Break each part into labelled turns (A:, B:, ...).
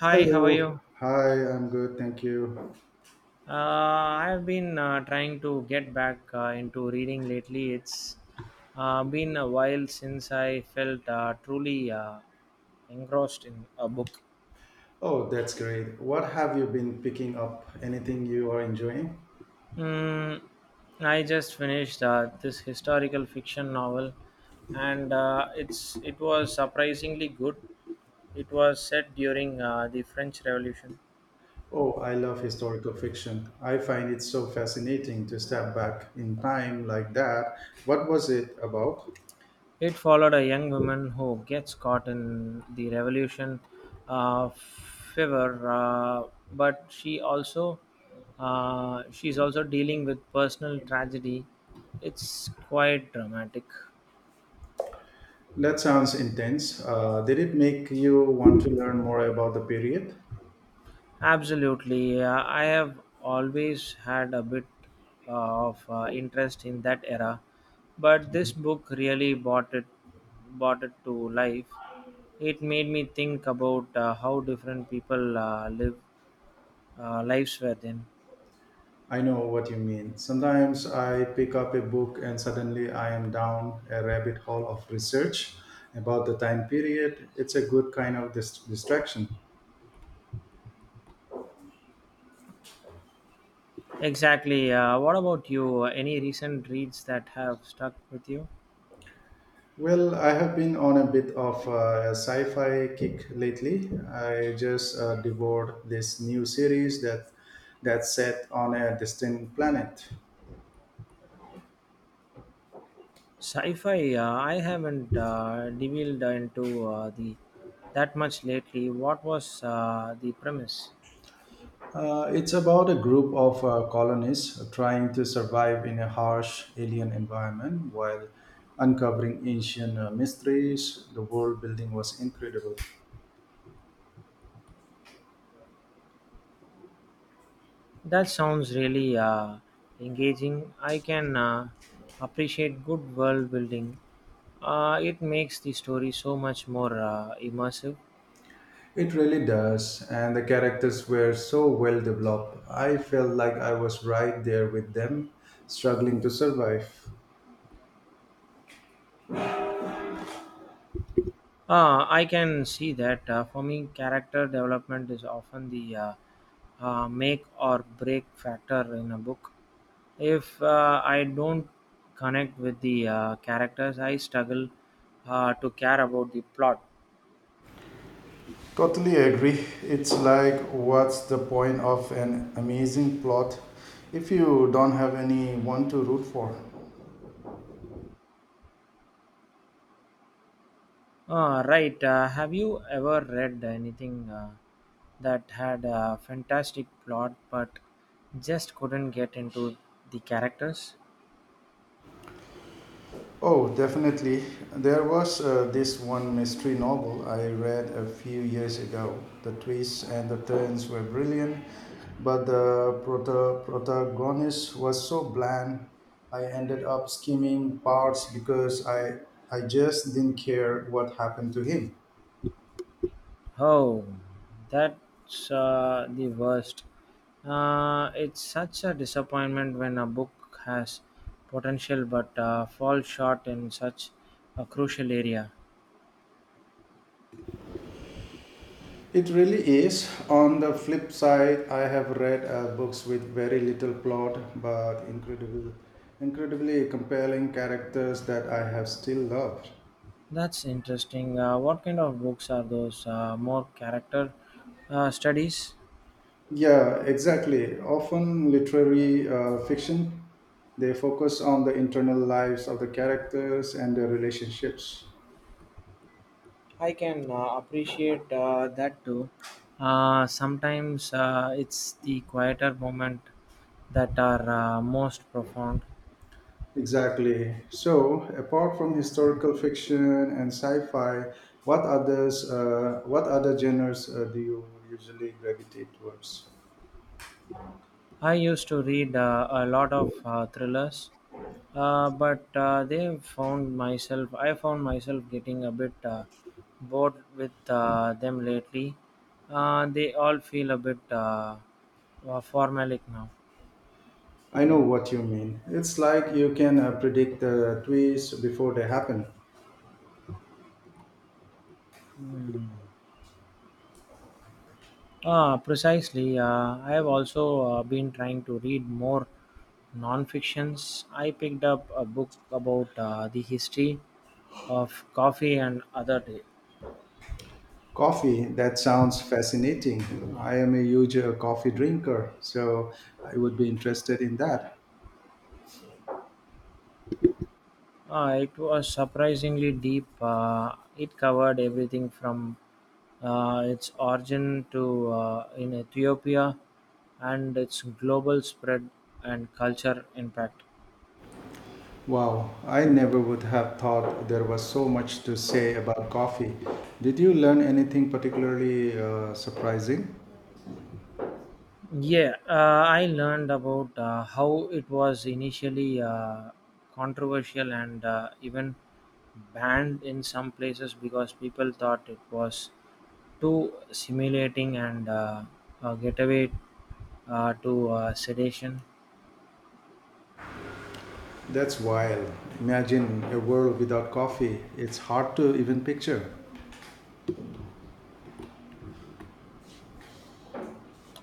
A: Hi, how are
B: Hello.
A: you?
B: Hi, I'm good, thank you.
A: Uh, I've been trying to get back into reading lately. It's been a while since I felt truly engrossed in a book.
B: Oh, that's great. What have you been picking up? Anything you are enjoying?
A: Mm, I just finished this historical fiction novel, and it's it was surprisingly good. It was set during the French Revolution.
B: Oh, I love historical fiction. I find it so fascinating to step back in time like that. What was it about?
A: It followed a young woman who gets caught in the revolution fever, but she also she's also dealing with personal tragedy. It's quite dramatic.
B: That sounds intense. Did it make you want to learn more about the period?
A: Absolutely. I have always had a bit of interest in that era, but this book really brought it to life. It made me think about how different people lives were then.
B: I know what you mean. Sometimes I pick up a book and suddenly I am down a rabbit hole of research about the time period. It's a good kind of distraction.
A: Exactly. What about you? Any recent reads that have stuck with you?
B: Well, I have been on a bit of a sci fi kick lately. I just devoured this new series that's set on a distant planet.
A: Sci-fi. I haven't delved into the that much lately. What was the premise?
B: It's about a group of colonists trying to survive in a harsh alien environment while uncovering ancient mysteries. The world building was incredible.
A: That sounds really engaging. I can appreciate good world building. It makes the story so much more immersive.
B: It really does, and the characters were so well developed. I felt like I was right there with them, struggling to survive.
A: I can see that. For me, character development is often the make or break factor in a book. If I don't connect with the characters, I struggle to care about the plot.
B: Totally agree. It's like, what's the point of an amazing plot if you don't have anyone to root for?
A: Right. Have you ever read anything that had a fantastic plot but just couldn't get into the characters?
B: Oh, definitely. There was this one mystery novel I read a few years ago. The twists and the turns were brilliant, but the protagonist was so bland. I ended up skimming parts because I just didn't care what happened to him.
A: Oh, that's the worst. It's such a disappointment when a book has potential but falls short in such a crucial area.
B: It really is. On the flip side, I have read books with very little plot but incredibly compelling characters that I have still loved.
A: That's interesting. What kind of books are those? More character studies?
B: Yeah, exactly. Often literary fiction, they focus on the internal lives of the characters and their relationships.
A: I can appreciate that too. Sometimes it's the quieter moment that are most profound.
B: Exactly. So, apart from historical fiction and sci-fi, what other genres do you usually gravitate towards?
A: I used to read a lot of thrillers, but they found myself. I found myself getting a bit bored with them lately. They all feel a bit formalic now.
B: I know what you mean. It's like you can predict the twists before they happen.
A: Hmm. Ah, precisely. I have also been trying to read more non-fictions. I picked up a book about the history of coffee and other day.
B: Coffee, that sounds fascinating. I am a huge coffee drinker, so I would be interested in that.
A: It was surprisingly deep. It covered everything from its origin to in Ethiopia and its global spread and culture impact.
B: Wow, I never would have thought there was so much to say about coffee. Did you learn anything particularly surprising?
A: Yeah, I learned about how it was initially controversial and even banned in some places because people thought it was too simulating and a getaway to sedation.
B: That's wild. Imagine a world without coffee. It's hard to even picture.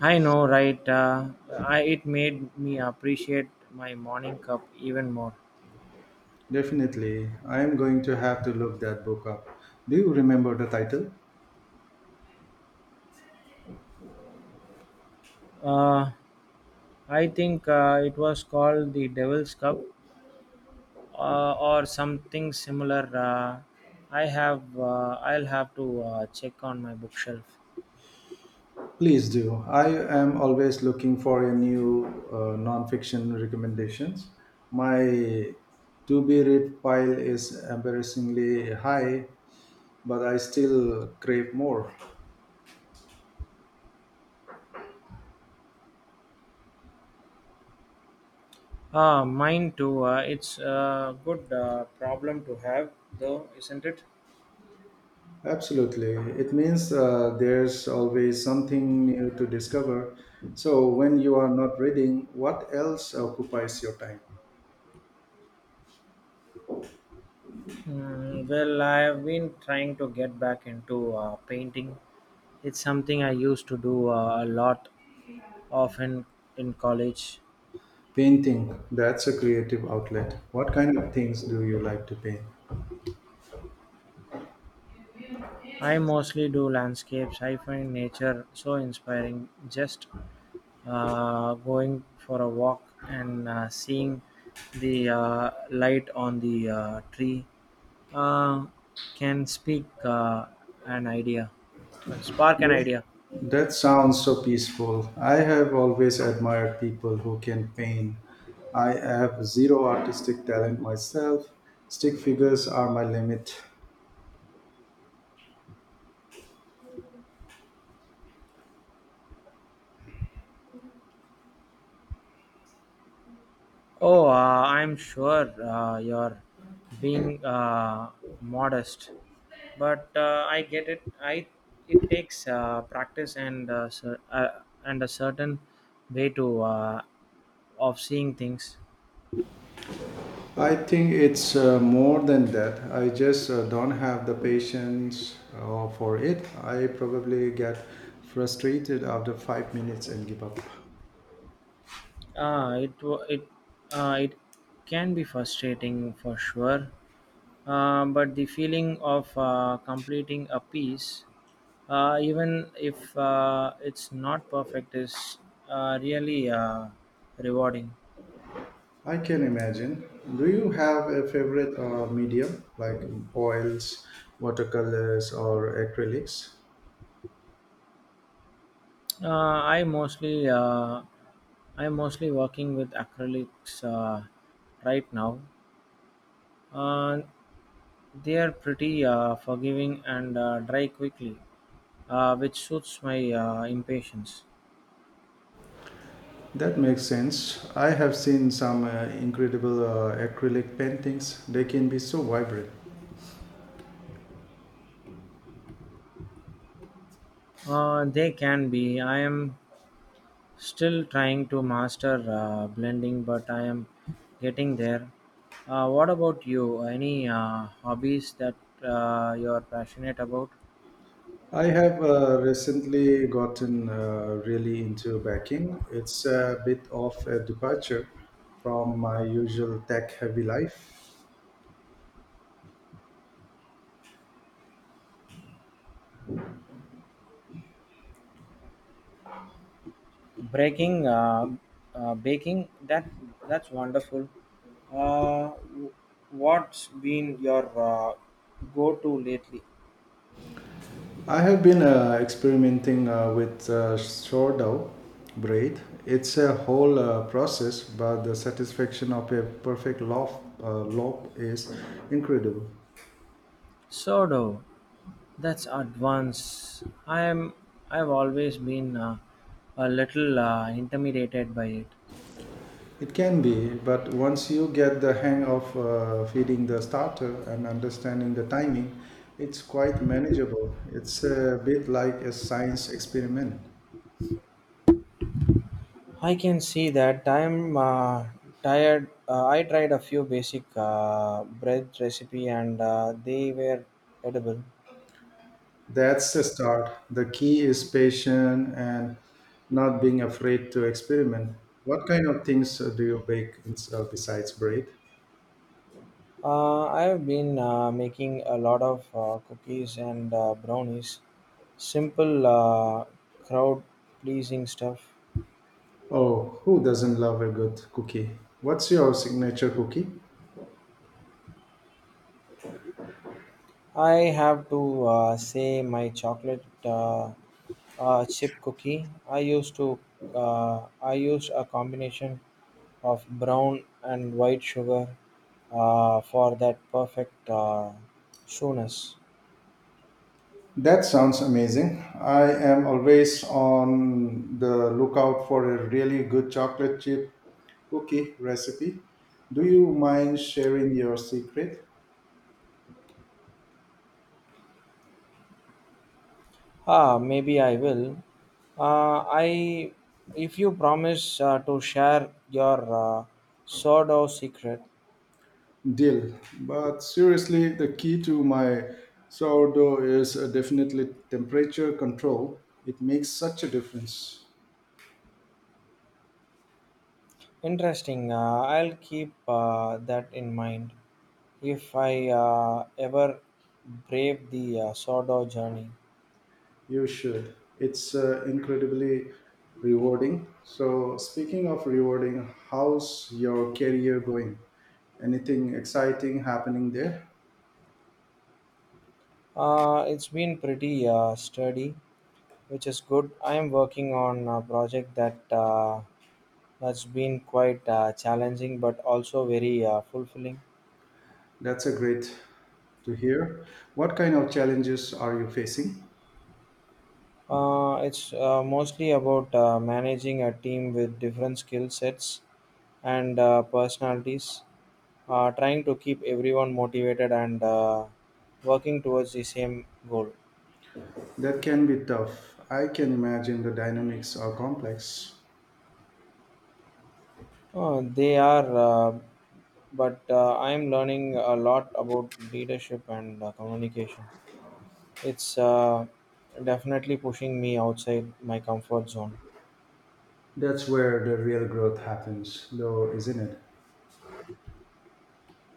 A: I know, right? It made me appreciate my morning cup even more.
B: Definitely, I am going to have to look that book up. Do you remember the title?
A: Uh, I think it was called the Devil's Cup or something similar. I'll have to check on my bookshelf.
B: Please do. I am always looking for a new nonfiction recommendations. My to be read pile is embarrassingly high, but I still crave more.
A: Ah, mine too. It's a good problem to have, though, isn't it?
B: Absolutely. It means there's always something new to discover. So when you are not reading, what else occupies your time?
A: Mm, well, I've been trying to get back into painting. It's something I used to do a lot often in college.
B: Painting, that's a creative outlet. What kind of things do you like to paint?
A: I mostly do landscapes. I find nature so inspiring. Just Going for a walk and seeing the light on the tree uh, can speak an idea, spark an
B: That
A: idea.
B: that sounds so peaceful. I have always admired people who can paint. I have zero artistic talent myself. Stick figures are my limit.
A: Oh, I'm sure you're being modest, but I get it. I it takes practice and and a certain way to of seeing things.
B: I think it's more than that. I just don't have the patience for it. I probably get frustrated after 5 minutes and give up.
A: It wa- it it can be frustrating for sure, but the feeling of completing a piece even if it's not perfect is really rewarding.
B: I can imagine. Do you have a favorite medium, like oils, watercolors, or acrylics?
A: Uh, i mostly uh, i'm mostly working with acrylics right now. uh, they are pretty forgiving and dry quickly, which suits my impatience.
B: That makes sense. I have seen some incredible acrylic paintings. They can be so vibrant.
A: They can be. I am still trying to master blending, but I am getting there. What about you? Any hobbies that you are passionate about?
B: I have recently gotten really into baking. It's a bit of a departure from my usual tech heavy life.
A: Breaking, uh, Baking. That's wonderful. Uh, w- what's been your go-to lately?
B: I have been experimenting with sourdough bread. It's a whole process, but the satisfaction of a perfect loaf is incredible.
A: Sourdough. That's advanced. I am. I've always been a little intimidated by it.
B: It can be, but once you get the hang of feeding the starter and understanding the timing, it's quite manageable. It's a bit like a science experiment.
A: I can see that. I'm tired. I tried a few basic bread recipe and they were edible.
B: That's the start. The key is patience and not being afraid to experiment. What kind of things do you besides bread?
A: I've been making a lot of cookies and brownies. Simple, crowd pleasing stuff.
B: Oh, who doesn't love a good cookie? What's your signature cookie?
A: I have to say my chocolate chip cookie. I used a combination of brown and white sugar for that perfect sourness.
B: That sounds amazing. I am always on the lookout for a really good chocolate chip cookie recipe. Do you mind sharing your secret?
A: Ah, maybe I will. Uh, I, if you promise to share your uh, sourdough secret.
B: Deal. But seriously, the key to my sourdough is definitely temperature control. It makes such a difference.
A: Interesting. I'll keep that in mind if I ever brave the sourdough journey.
B: You should. It's incredibly rewarding. So, speaking of rewarding, how's your career going? Anything exciting happening there?
A: It's been pretty sturdy, which is good. I am working on a project that that's been quite challenging, but also very fulfilling.
B: That's a great to hear. What kind of challenges are you facing?
A: It's mostly about managing a team with different skill sets and personalities, trying to keep everyone motivated and working towards the same goal.
B: That can be tough. I can imagine the dynamics are complex.
A: They are, but I'm learning a lot about leadership and communication. It's definitely pushing me outside my comfort zone.
B: That's where the real growth happens, though, isn't it?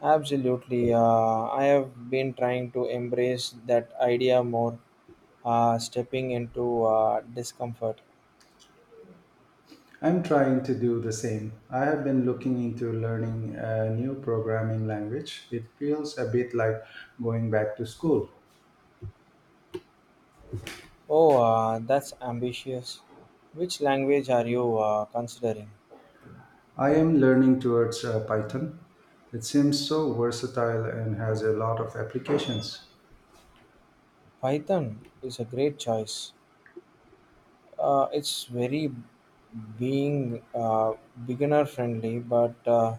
A: Absolutely. I have been trying to embrace that idea more, stepping into discomfort.
B: I'm trying to do the same. I have been looking into learning a new programming language. It feels a bit like going back to school.
A: Oh, that's ambitious. Which language are you considering?
B: I am learning towards Python. It seems so versatile and has a lot of applications.
A: Python is a great choice. It's very being beginner friendly, but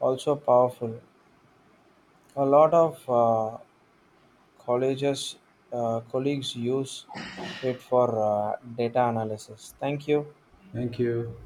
A: also powerful. A lot of colleges colleagues use it for data analysis. Thank you.
B: Thank you.